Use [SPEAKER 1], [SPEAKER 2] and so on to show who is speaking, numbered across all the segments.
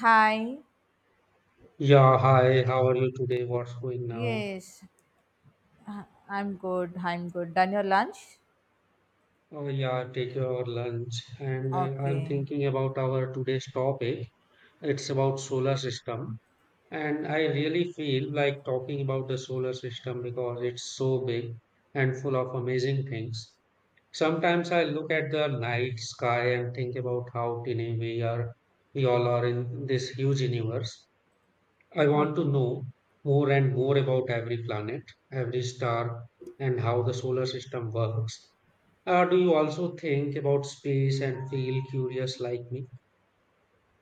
[SPEAKER 1] Hi.
[SPEAKER 2] Yeah, hi, how are you today? What's going now?
[SPEAKER 1] Yes. Uh, I'm good. I'm good. Done your lunch?
[SPEAKER 2] Oh, yeah, take your lunch. And I'm
[SPEAKER 1] Okay.
[SPEAKER 2] thinking about our today's topic. It's about solar system. And I really feel like talking about the solar system because it's so big and full of amazing things. Sometimes I look at the night sky and think about how tiny we are, we all are in this huge universe. I
[SPEAKER 1] Okay.
[SPEAKER 2] want to know more and more about every planet, every star, and how the solar system works. Do you also think about space and feel curious like me?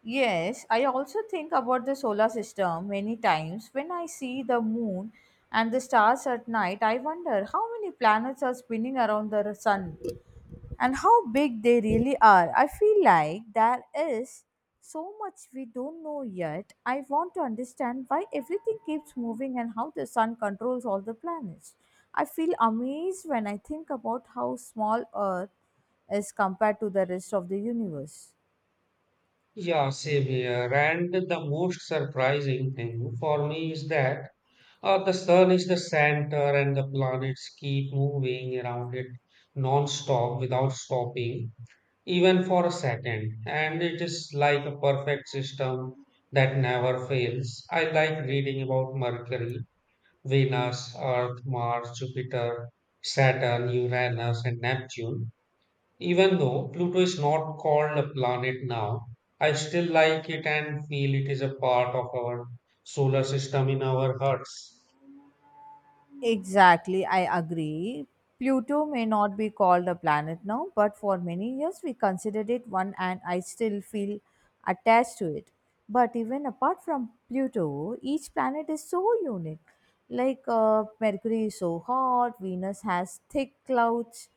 [SPEAKER 1] Yes, I also think about the solar system many times. When I see the moon and the stars at night, I wonder how many planets are spinning around the sun, and how big they really are. I feel like there is so much we don't know yet. I want to understand why everything keeps moving and how the sun controls all the planets. I feel amazed when I think about how small Earth is compared to the rest of the universe.
[SPEAKER 2] Yeah, same here. And the most surprising thing for me is that the sun is the center and the planets keep moving around it non-stop without stopping, even for a second. And it is like a perfect system that never fails. I like reading about Mercury, Venus, Earth, Mars, Jupiter, Saturn, Uranus, and Neptune. Even though Pluto is not called a planet now, I still like it and feel it is a part of our solar system in our hearts.
[SPEAKER 1] Exactly, I agree. Pluto may not be called a planet now, but for many years we considered it one, and I still feel attached to it. But even apart from Pluto, each planet is so unique. Like Mercury is so hot, Venus has thick clouds,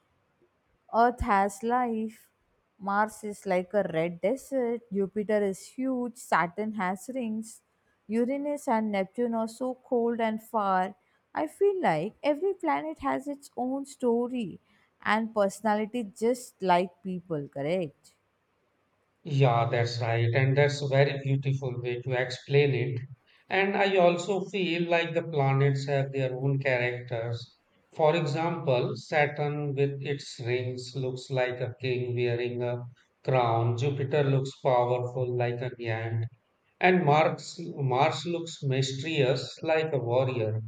[SPEAKER 1] Earth has life. Mars is like a red desert. Jupiter is huge. Saturn has rings. Uranus and Neptune are so cold and far. I feel like every planet has its own story and personality, just like people, correct?
[SPEAKER 2] Yeah, that's right. And that's a very beautiful way to explain it. And I also feel like the planets have their own characters. For example, Saturn with its rings looks like a king wearing a crown. Jupiter looks powerful like a giant. And Mars, Mars looks mysterious like a warrior,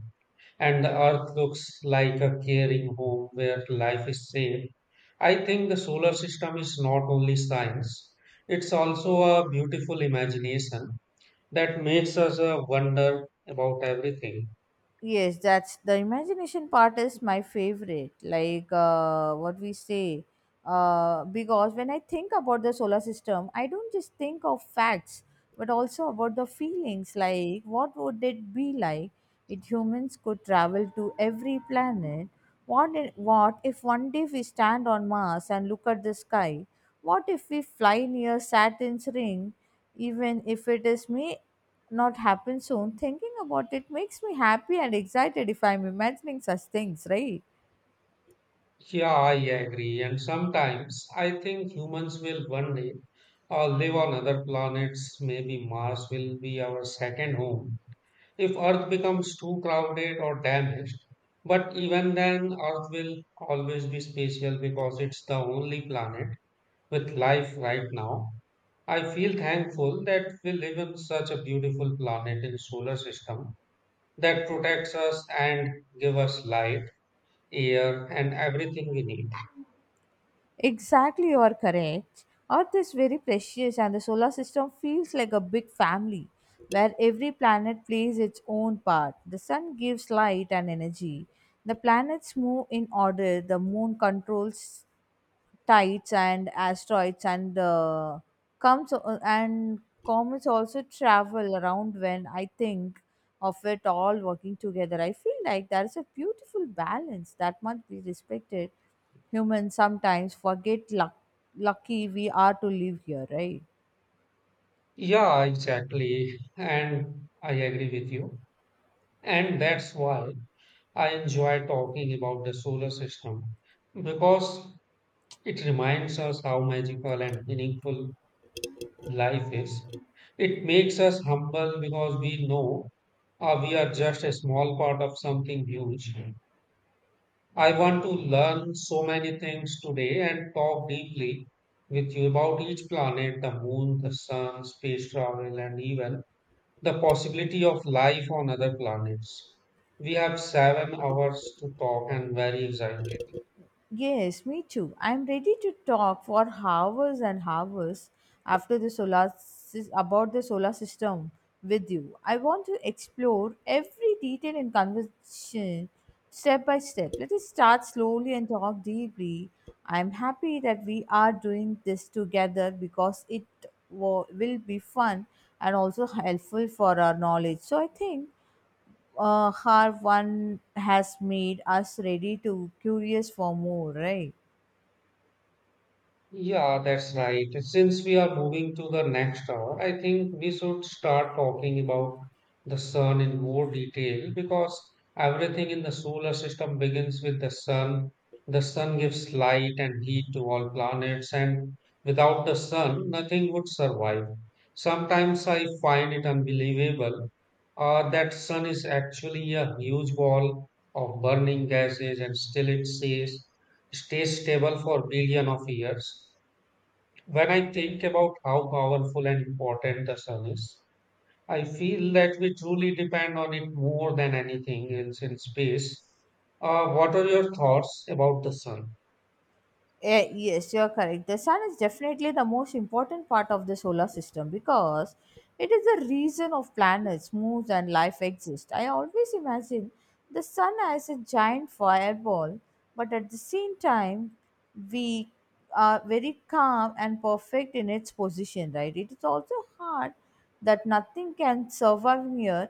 [SPEAKER 2] and the earth looks like a caring home where life is safe. I think the solar system is not only science, it's also a beautiful imagination that makes us wonder about everything.
[SPEAKER 1] Yes, that's the imagination part is my favorite. Like what we say, because when I think about the solar system, I don't just think of facts, but also about the feelings. Like what would it be like if humans could travel to every planet? What if one day we stand on Mars and look at the sky? What if we fly near Saturn's ring, even if it is may not happen soon? Thinking about it makes me happy and excited if I'm imagining such things, right?
[SPEAKER 2] Yeah, I agree. And sometimes I think humans will one day live on other planets. Maybe Mars will be our second home if earth becomes too crowded or damaged. But even then, earth will always be special because it's the only planet with life right now. I feel thankful that we live in such a beautiful planet in solar system that protects us and give us light, air and everything we need.
[SPEAKER 1] Exactly, you are correct. Earth is very precious, and the solar system feels like a big family where every planet plays its own part. The sun gives light and energy. The planets move in order. The moon controls tides and asteroids, and comes and comets also travel around. When I think of it all working together, I feel like there is a beautiful balance that must be respected. Humans sometimes forget luck, lucky we are to live here, right?
[SPEAKER 2] Yeah, exactly. And I agree with you. And that's why I enjoy talking about the solar system because it reminds us how magical and meaningful life is. It makes us humble because we know we are just a small part of something huge. I want to learn so many things today and talk deeply with you about each planet, the moon, the sun, space travel, and even the possibility of life on other planets. We have 7 hours to talk and very excited.
[SPEAKER 1] Yes, me too. I'm ready to talk for hours and hours after the about the solar system with you. I want to explore every detail in conversation step by step. Let us start slowly and talk deeply. I'm happy that we are doing this together because it will be fun and also helpful for our knowledge. So I think her one has made us ready to curious for more, right?
[SPEAKER 2] Yeah, that's right. Since we are moving to the next hour, I think we should start talking about the sun in more detail because everything in the solar system begins with the sun. The sun gives light and heat to all planets, and without the sun, nothing would survive. Sometimes I find it unbelievable that sun is actually a huge ball of burning gases and still it stays stable for billion of years. When I think about how powerful and important the sun is, I feel that we truly depend on it more than anything else in space. What are your thoughts about the sun?
[SPEAKER 1] Eh, yes, you're correct. The sun is definitely the most important part of the solar system because it is the reason of planets, moons and life exist. I always imagine the sun as a giant fireball, but at the same time we are very calm and perfect in its position, right? It is also hard that nothing can survive near,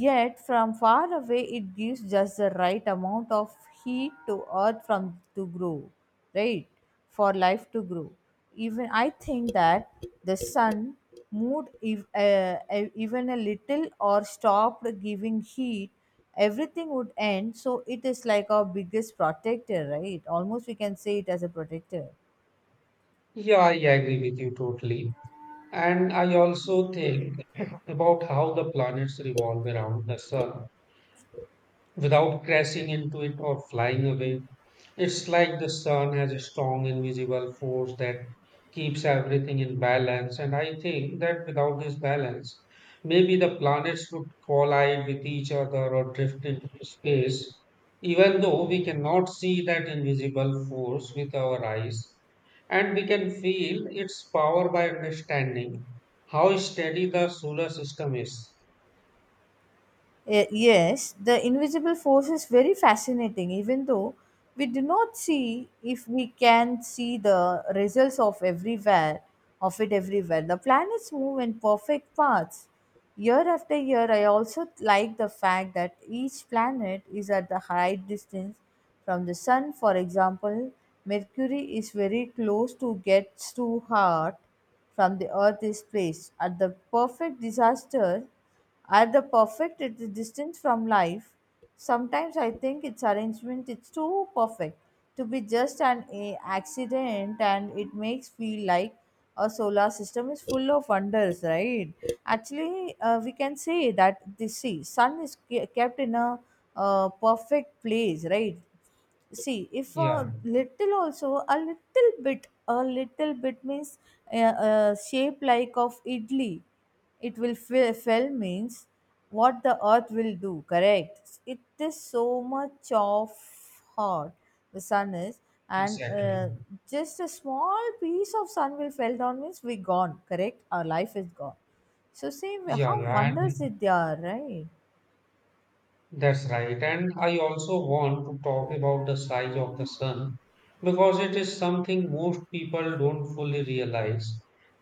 [SPEAKER 1] yet from far away it gives just the right amount of heat to earth from to grow, right? For life to grow. Even I think that the sun moved if, even a little or stopped giving heat, everything would end. So it is like our biggest protector, right? Almost we can say it as a protector.
[SPEAKER 2] Yeah, I agree with you totally. And I also think about how the planets revolve around the sun, without crashing into it or flying away. It's like the sun has a strong invisible force that keeps everything in balance, and I think that without this balance, maybe the planets would collide with each other or drift into space. Even though we cannot see that invisible force with our eyes, and we can feel its power by understanding how steady the solar system is.
[SPEAKER 1] Eh, yes, the invisible force is very fascinating, even though we do not see if we can see the results of everywhere of it everywhere. The planets move in perfect paths. Year after year, I also like the fact that each planet is at the right distance from the sun. For example, Mercury is very close to gets too hot from the Earth is placed at the perfect disaster are the perfect, it is distance from life. Sometimes I think its arrangement is too perfect to be just accident, and it makes feel like a solar system is full of wonders, right? Actually, we can say that the see, sun is kept in a perfect place, right? See if
[SPEAKER 2] Yeah,
[SPEAKER 1] a little also a little bit, a little bit means a shape like of idli, it will fill means what the earth will do, correct? It is so much of hot the sun is, and
[SPEAKER 2] exactly.
[SPEAKER 1] just a small piece of sun will fell down means we gone, correct? Our life is gone. So see
[SPEAKER 2] Yeah,
[SPEAKER 1] how
[SPEAKER 2] yeah,
[SPEAKER 1] wonders
[SPEAKER 2] and
[SPEAKER 1] it they are, right?
[SPEAKER 2] that's right. And I also want to talk about the size of the sun because it is something most people don't fully realize.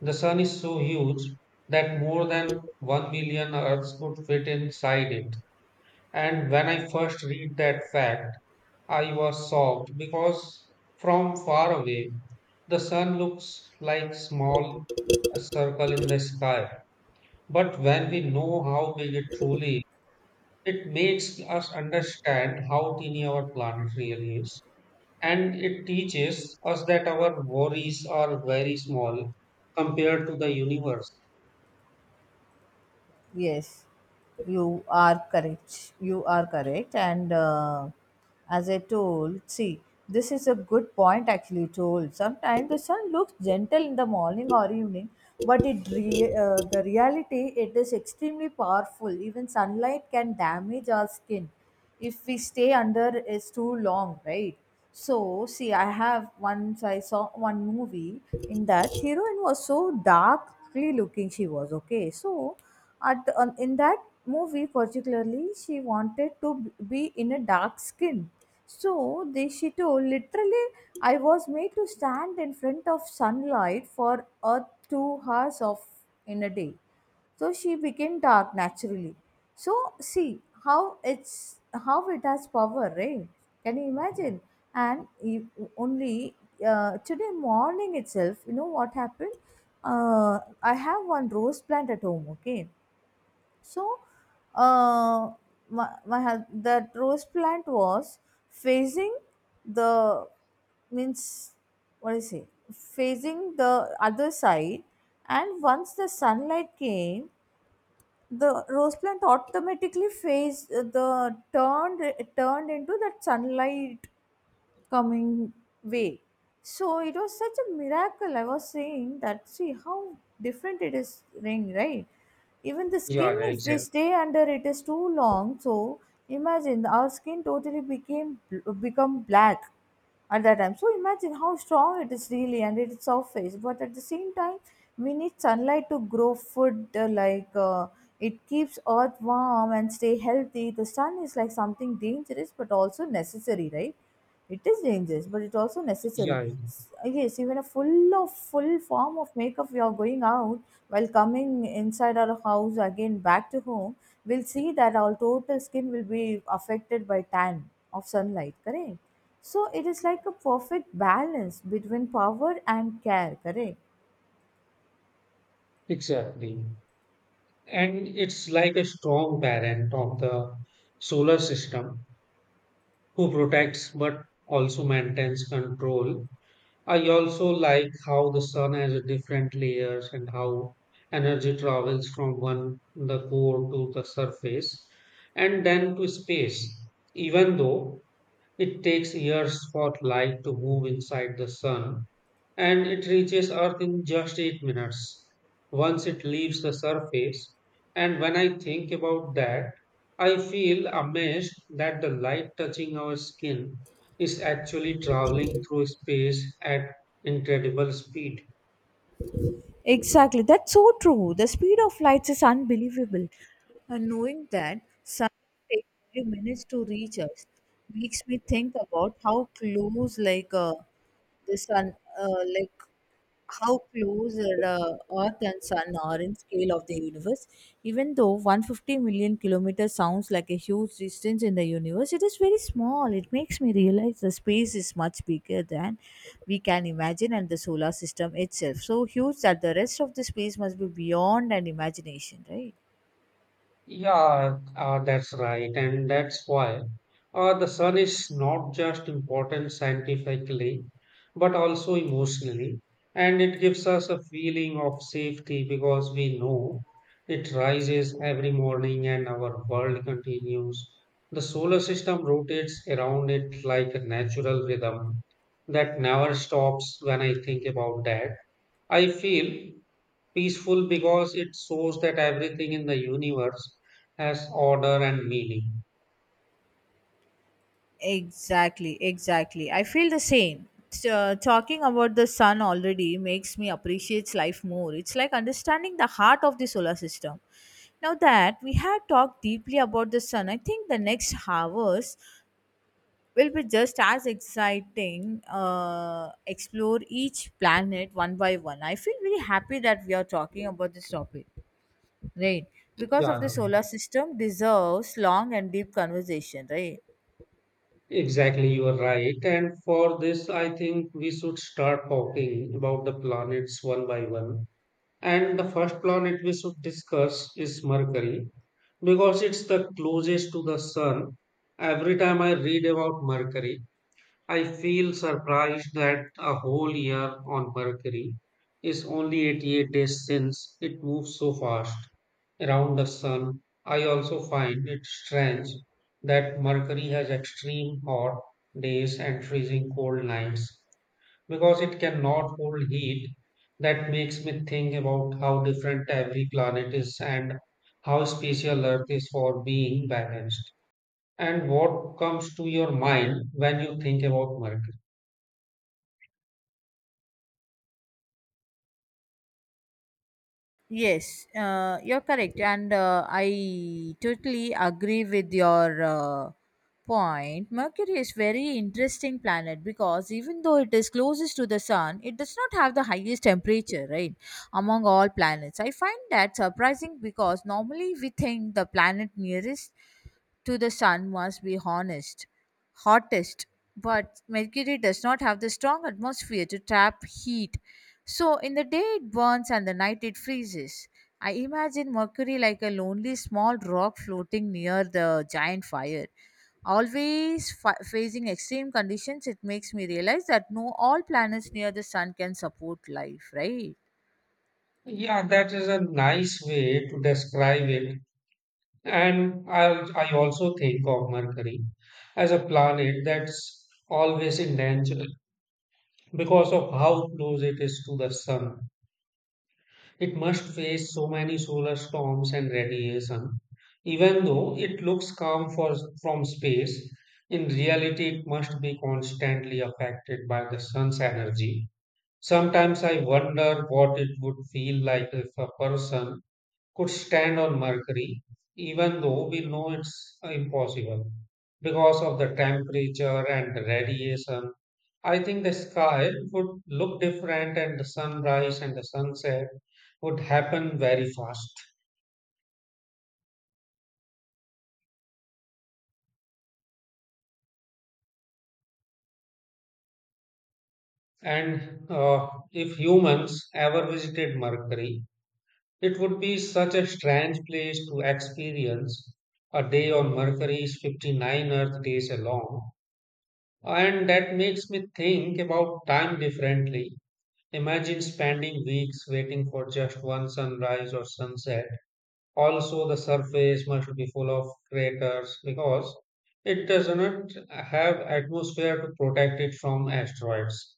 [SPEAKER 2] The sun is so huge that more than 1 billion Earths could fit inside it. And when I first read that fact, I was shocked because from far away, the sun looks like small circle in the sky. But when we know how big it truly, it makes us understand how teeny our planet really is, and it teaches us that our worries are very small compared to the universe.
[SPEAKER 1] Yes, you are correct. You are correct. And as I told, see, this is a good point actually told. Sometimes the sun looks gentle in the morning or evening, but it the reality it is extremely powerful. Even sunlight can damage our skin if we stay under is too long, right? So, see, I have once I saw one movie, in that heroine was so darkly looking, she was okay. So in that movie particularly, she wanted to be in a dark skin. So they, she told literally, I was made to stand in front of sunlight for a 2 hours of in a day. So she became dark naturally. So see how it's how it has power, right? Can you imagine? And you, only today morning itself, you know what happened? I have one rose plant at home. Okay, so, uh, that rose plant was facing the means what do say facing the other side, and once the sunlight came, the rose plant automatically faced the turned turned into that sunlight coming way. So it was such a miracle. I was saying that, see how different it is ring, right? Even the skin,
[SPEAKER 2] Yeah,
[SPEAKER 1] if we
[SPEAKER 2] exactly.
[SPEAKER 1] stay under it is too long, so imagine our skin totally became become black at that time. So imagine how strong it is really and its surface. But at the same time, we need sunlight to grow food, it keeps earth warm and stay healthy. The sun is like something dangerous but also necessary, right? It is dangerous, but it's also necessary.
[SPEAKER 2] Yeah,
[SPEAKER 1] Yes, even a full of full form of makeup we are going out, while coming inside our house again back to home, we'll see that our total skin will be affected by tan of sunlight, correct? So it is like a perfect balance between power and care, correct?
[SPEAKER 2] exactly. And it's like a strong parent of the solar system who protects but also maintains control. I also like how the sun has a different layers and how energy travels from one the core to the surface and then to space. Even though it takes years for light to move inside the sun, and it reaches Earth in just 8 minutes once it leaves the surface. And when I think about that, I feel amazed that the light touching our skin is actually traveling through space at incredible speed.
[SPEAKER 1] Exactly, that's so true. The speed of lights is unbelievable. And knowing that take few minutes to reach us makes me think about how close like the sun like how close the earth and sun are in scale of the universe, even though 150 million kilometers sounds like a huge distance in the universe, it is very small. It makes me realize the space is much bigger than we can imagine, and the solar system itself so huge that the rest of the space must be beyond an imagination, right?
[SPEAKER 2] Yeah, that's right. And that's why the sun is not just important scientifically, but also emotionally. And it gives us a feeling of safety because we know it rises every morning and our world continues. The solar system rotates around it like a natural rhythm that never stops. When I think about that, I feel peaceful because it shows that everything in the universe has order and meaning.
[SPEAKER 1] Exactly, exactly. I feel the same. Talking about the sun already makes me appreciate life more. It's like understanding the heart of the solar system. Now that we have talked deeply about the sun, I think the next hours will be just as exciting. Explore each planet one by one. I feel very happy that we are talking about this topic, right? Because of
[SPEAKER 2] Yeah,
[SPEAKER 1] the solar system deserves long and deep conversation, right?
[SPEAKER 2] exactly, you are right. And for this, I think we should start talking about the planets one by one. And the first planet we should discuss is Mercury because it's the closest to the sun. Every time I read about Mercury, I feel surprised that a whole year on Mercury is only 88 days since it moves so fast around the Sun. I also find it strange that Mercury has extreme hot days and freezing cold nights because it cannot hold heat. That makes me think about how different every planet is and how special Earth is for being balanced. And what comes to your mind when you think about Mercury?
[SPEAKER 1] Yes, you're correct, and I totally agree with your point. Mercury is very interesting planet because even though it is closest to the sun, it does not have the highest temperature, right? Among all planets, I find that surprising because normally we think the planet nearest to the sun must be honest, hottest, but Mercury does not have the strong atmosphere to trap heat. So in the day it burns and the night it freezes. I imagine Mercury like a lonely small rock floating near the giant fire. Always facing extreme conditions, it makes me realize that no all planets near the sun can support life, right?
[SPEAKER 2] Yeah, that is a nice way to describe it. And I also think of Mercury as a planet that's always in danger because of how close it is to the sun. It must face so many solar storms and radiation. Even though it looks calm from space, in reality, it must be constantly affected by the sun's energy. Sometimes I wonder what it would feel like if a person could stand on Mercury, even though we know it's impossible because of the temperature and the radiation. I think the sky would look different, and the sunrise and the sunset would happen very fast. And if humans ever visited Mercury, it would be such a strange place to experience. A day on Mercury is 59 Earth days long. And that makes me think about time differently. Imagine spending weeks waiting for just one sunrise or sunset. Also, the surface must be full of craters because it does not have atmosphere to protect it from asteroids.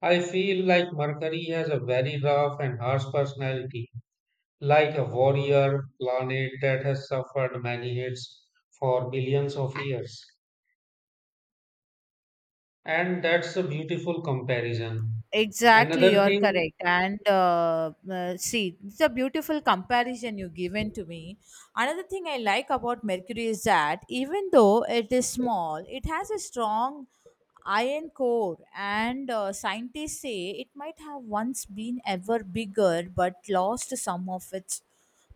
[SPEAKER 2] I feel like Mercury has a very rough and harsh personality, like a warrior planet that has suffered many hits for billions of years. And that's a beautiful comparison.
[SPEAKER 1] Exactly,
[SPEAKER 2] Another
[SPEAKER 1] you're
[SPEAKER 2] thing,
[SPEAKER 1] correct. And see, it's a beautiful comparison you have given to me. Another thing I like about Mercury is that even though it is small, it has a strong iron core, and scientists say it might have once been ever bigger but lost some of its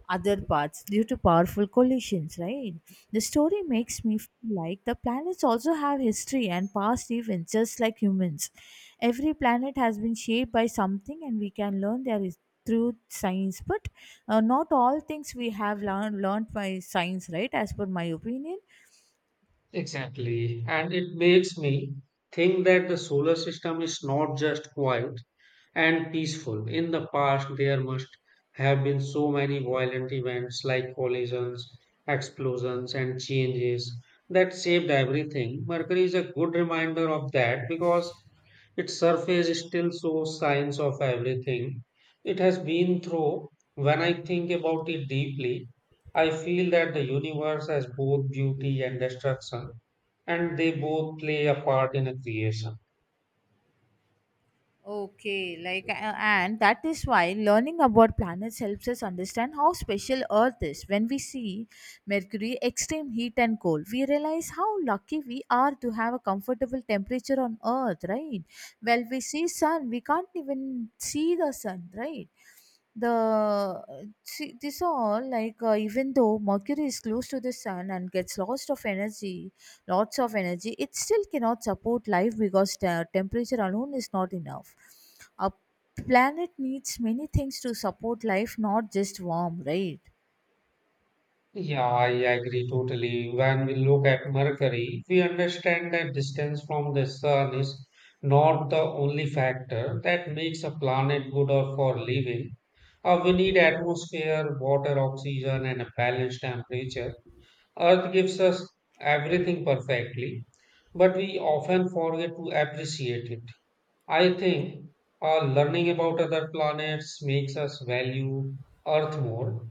[SPEAKER 1] other parts due to powerful collisions, right? The story makes me feel like the planets also have history and past events, just like humans. Every planet has been shaped by something, and we can learn there is through science but not all things we have learned by science, right, as per my opinion.
[SPEAKER 2] exactly. And it makes me think that the solar system is not just quiet and peaceful. In the past, there must have been so many violent events like collisions, explosions, and changes that saved everything. Mercury is a good reminder of that because its surface still shows signs of everything it has been through. When I think about it deeply, I feel that the universe has both beauty and destruction, and they both play a part in a creation.
[SPEAKER 1] Okay, like, and that is why learning about planets helps us understand how special Earth is. When we see Mercury, extreme heat and cold, we realize how lucky we are to have a comfortable temperature on Earth, right? Well, we see Sun, we can't even see the Sun, right? The this all even though Mercury is close to the Sun and gets lots of energy, it still cannot support life because the temperature alone is not enough. A planet needs many things to support life, not just warm, right?
[SPEAKER 2] Yeah, I agree totally. When we look at Mercury, we understand that distance from the sun is not the only factor that makes a planet good or for living. We need atmosphere, water, oxygen, and a balanced temperature. Earth gives us everything perfectly, but we often forget to appreciate it. I think learning about other planets makes us value Earth more.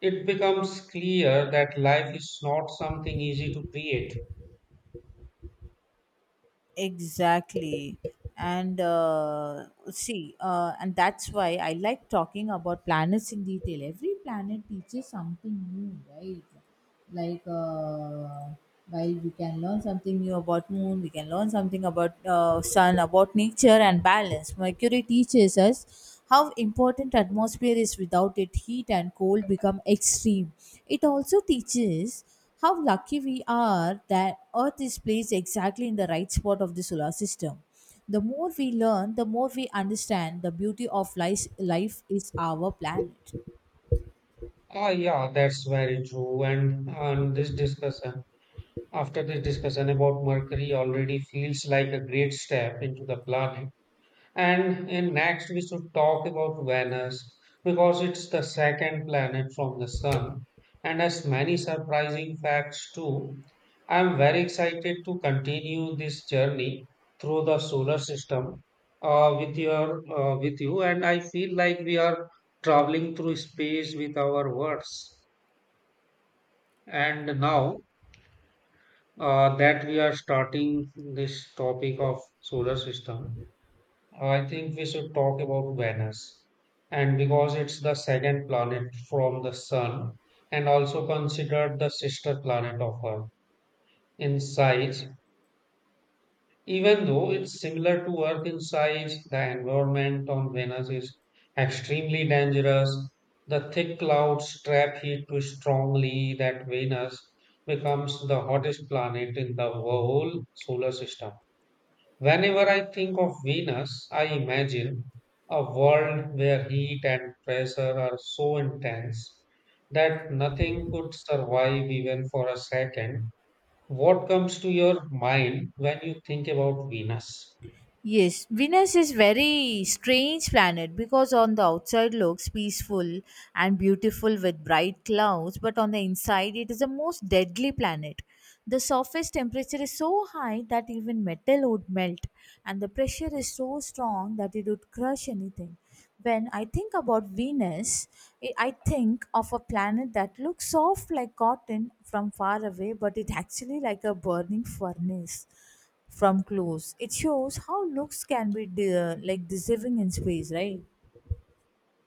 [SPEAKER 2] It becomes clear that life is not something easy to create.
[SPEAKER 1] Exactly. And uh, and that's why I like talking about planets in detail. Every planet teaches something new, right? Like, uh, while we can learn something new about moon, we can learn something about sun, about nature and balance. Mercury teaches us how important atmosphere is. Without it, heat and cold become extreme. It also teaches how lucky we are that Earth is placed exactly in the right spot of the solar system. The more we learn, the more we understand the beauty of life, life is our planet.
[SPEAKER 2] Ah, yeah, that's very true. And on this discussion, after this discussion about Mercury, already feels like a great step into the planet. And in next, we should talk about Venus because it's the second planet from the Sun and has many surprising facts too. I'm very excited to continue this journey through the solar system with you, and I feel like we are traveling through space with our words. And now that we are starting this topic of solar system, I think we should talk about Venus, and because it's the second planet from the Sun and also considered the sister planet of Earth in size, even though it's similar to Earth in size, the environment on Venus is extremely dangerous. The thick clouds trap heat too strongly that Venus becomes the hottest planet in the whole solar system. Whenever I think of Venus, I imagine a world where heat and pressure are so intense that nothing could survive even for a second. What comes to your mind when you think about Venus?
[SPEAKER 1] Yes, Venus is very strange planet because on the outside looks peaceful and beautiful with bright clouds, but on the inside it is the most deadly planet. The surface temperature is so high that even metal would melt, and the pressure is so strong that it would crush anything. When I think about Venus, I think of a planet that looks soft like cotton from far away, but it actually like a burning furnace from close. It shows how looks can be like deceiving in space, right?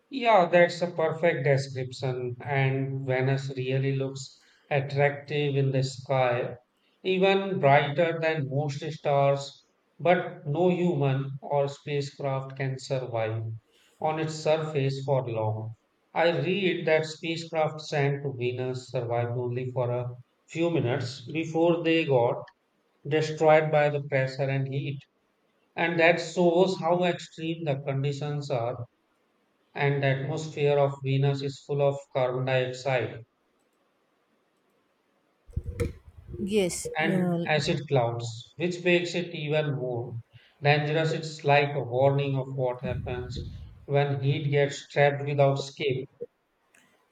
[SPEAKER 2] Yeah, that's a perfect description. And Venus really looks attractive in the sky, even brighter than most stars. But no human or spacecraft can survive on its surface for long. I read that spacecraft sent to Venus survived only for a few minutes before they got destroyed by the pressure and heat. And that shows how extreme the conditions are, and the atmosphere of Venus is full of carbon dioxide
[SPEAKER 1] Yes,
[SPEAKER 2] and
[SPEAKER 1] uh,
[SPEAKER 2] acid clouds, which makes it even more dangerous. It's like a warning of what happens when heat gets trapped without escape.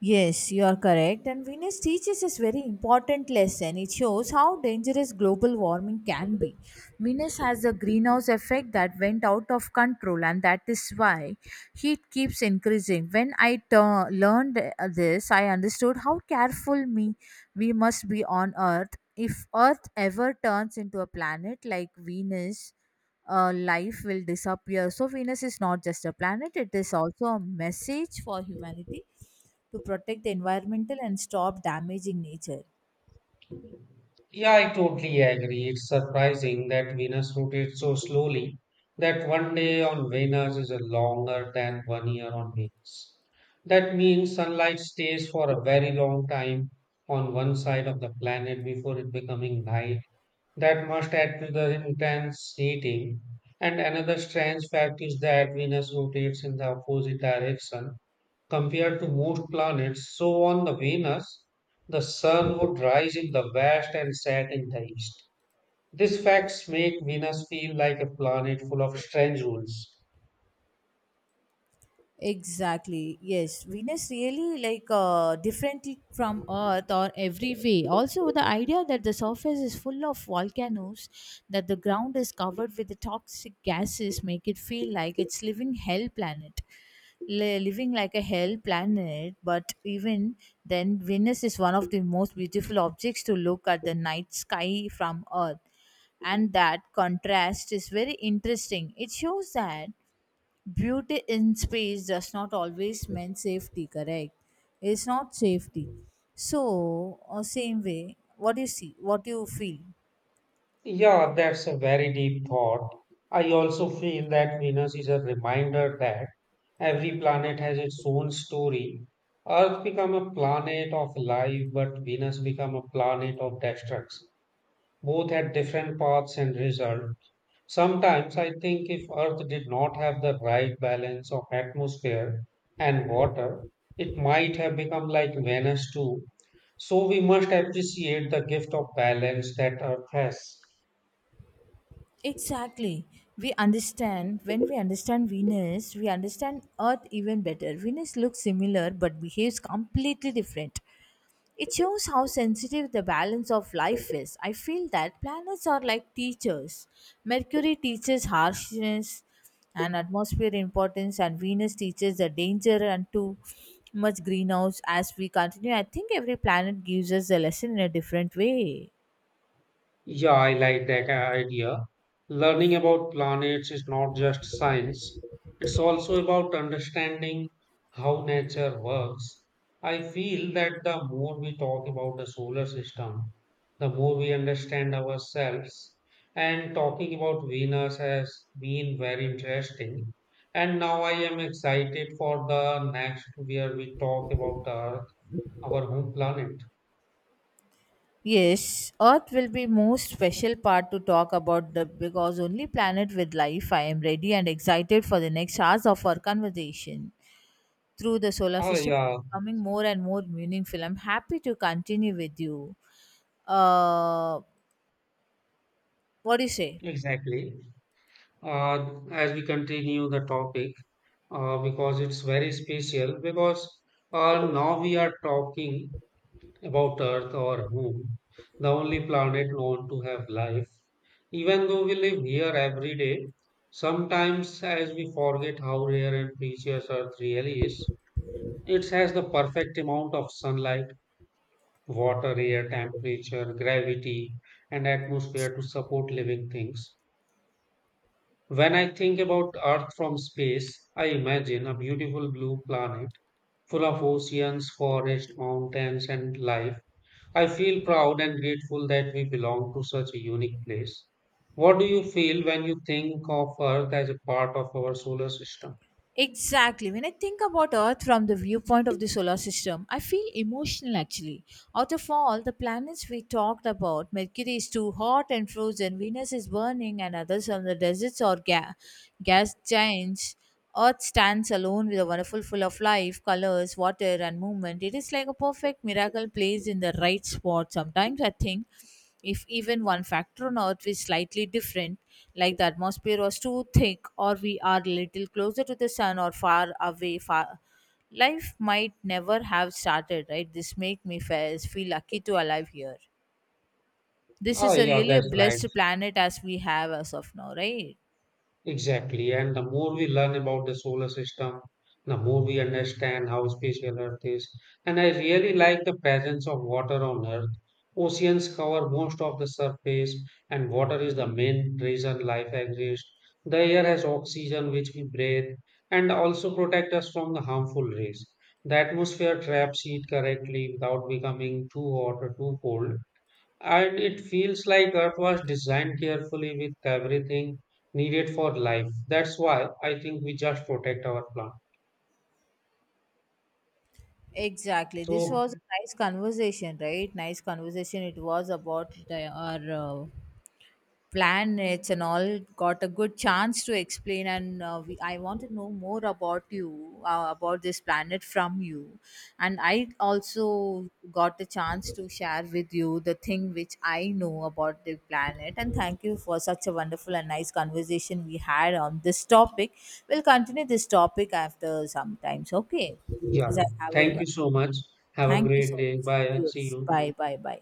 [SPEAKER 1] Yes, you are correct. And Venus teaches us very important lesson. It shows how dangerous global warming can be. Venus has a greenhouse effect that went out of control, and that is why heat keeps increasing. When I learned this, I understood how careful me we must be on Earth. If Earth ever turns into a planet like Venus, life will disappear. So Venus is not just a planet; it is also a message for humanity to protect the environmental and stop damaging nature.
[SPEAKER 2] Yeah, I totally agree. It's surprising that Venus rotates so slowly that one day on Venus is longer than one year on Venus. That means sunlight stays for a very long time on one side of the planet before it becoming night. That must add to the intense heating. And another strange fact is that Venus rotates in the opposite direction compared to most planets. So, on the Venus, the sun would rise in the west and set in the east. These facts make Venus feel like a planet full of strange rules.
[SPEAKER 1] Exactly. Yes, Venus really different from Earth or every way. Also, the idea that the surface is full of volcanoes, that the ground is covered with the toxic gases, make it feel like it's living hell planet, living like a hell planet. But even then, Venus is one of the most beautiful objects to look at the night sky from Earth, and that contrast is very interesting. It shows that beauty in space does not always mean safety, correct? It's not safety. So, same way what you see, what you feel.
[SPEAKER 2] Yeah, that's a very deep thought. I also feel that Venus is a reminder that every planet has its own story. Earth become a planet of life, but Venus become a planet of destruction. Both had different paths and result. Sometimes I think if Earth did not have the right balance of atmosphere and water, it might have become like Venus too. So we must appreciate the gift of balance that Earth has.
[SPEAKER 1] Exactly, we understand. When we understand Venus, we understand Earth even better. Venus looks similar but behaves completely different. It shows how sensitive the balance of life is. I feel that planets are like teachers. Mercury teaches harshness and atmosphere importance, and Venus teaches the danger and too much greenhouse. As we continue, I think every planet gives us a lesson in a different way.
[SPEAKER 2] Yeah, I like that idea. Learning about planets is not just science, it's also about understanding how nature works. I feel that the more we talk about the solar system, the more we understand ourselves. And talking about Venus has been very interesting. And now I am excited for the next where we talk about our home planet.
[SPEAKER 1] Yes, Earth will be most special part to talk about the because only planet with life. I am ready and excited for the next hours of our conversation through the solar
[SPEAKER 2] Oh,
[SPEAKER 1] system is
[SPEAKER 2] yeah,
[SPEAKER 1] becoming more and more meaningful. I'm happy to continue with you. Uh, what do you say?
[SPEAKER 2] exactly. As we continue the topic, because it's very special, because now we are talking about Earth, or home, the only planet known to have life. Even though we live here every day, sometimes as we forget how rare and precious Earth really is. It has the perfect amount of sunlight, water, air, temperature, gravity, and atmosphere to support living things. When I think about Earth from space, I imagine a beautiful blue planet full of oceans, forests, mountains, and life. I feel proud and grateful that we belong to such a unique place. What do you feel when you think of Earth as a part of our solar system?
[SPEAKER 1] Exactly. When I think about Earth from the viewpoint of the solar system, I feel emotional actually. Out of all the planets we talked about, Mercury is too hot and frozen, Venus is burning, and others are the deserts or gas giants. Earth stands alone with a wonderful full of life, colors, water, and movement. It is like a perfect miracle placed in the right spot. Sometimes I think if even one factor on Earth is slightly different, like the atmosphere was too thick, or we are little closer to the sun or far away, far, life might never have started. Right? This make me feel lucky to alive here. This
[SPEAKER 2] Ah,
[SPEAKER 1] is a
[SPEAKER 2] yeah,
[SPEAKER 1] really a
[SPEAKER 2] that's right.
[SPEAKER 1] blessed planet as we have as of now, right?
[SPEAKER 2] Exactly. And the more we learn about the solar system, the more we understand how special Earth is. And I really like the presence of water on Earth. Oceans cover most of the surface, and water is the main reason life exists. The air has oxygen which we breathe and also protect us from the harmful rays. The atmosphere traps heat correctly without becoming too hot or too cold. And it feels like Earth was designed carefully with everything needed for life. That's why I think we just protect our planet.
[SPEAKER 1] Exactly. This
[SPEAKER 2] So,
[SPEAKER 1] was a nice conversation, right? Nice conversation. It was about our uh, planets and all, got a good chance to explain, and I want to know more about you, about this planet from you, and I also got the chance to share with you the thing which I know about the planet. And thank you for such a wonderful and nice conversation we had on this topic. We'll continue this topic after some times, okay?
[SPEAKER 2] yeah,
[SPEAKER 1] As I have
[SPEAKER 2] thank
[SPEAKER 1] a,
[SPEAKER 2] you so much. Have a
[SPEAKER 1] thank you
[SPEAKER 2] great
[SPEAKER 1] so
[SPEAKER 2] day.
[SPEAKER 1] much.
[SPEAKER 2] Bye. See
[SPEAKER 1] Yes,
[SPEAKER 2] you.
[SPEAKER 1] bye bye bye.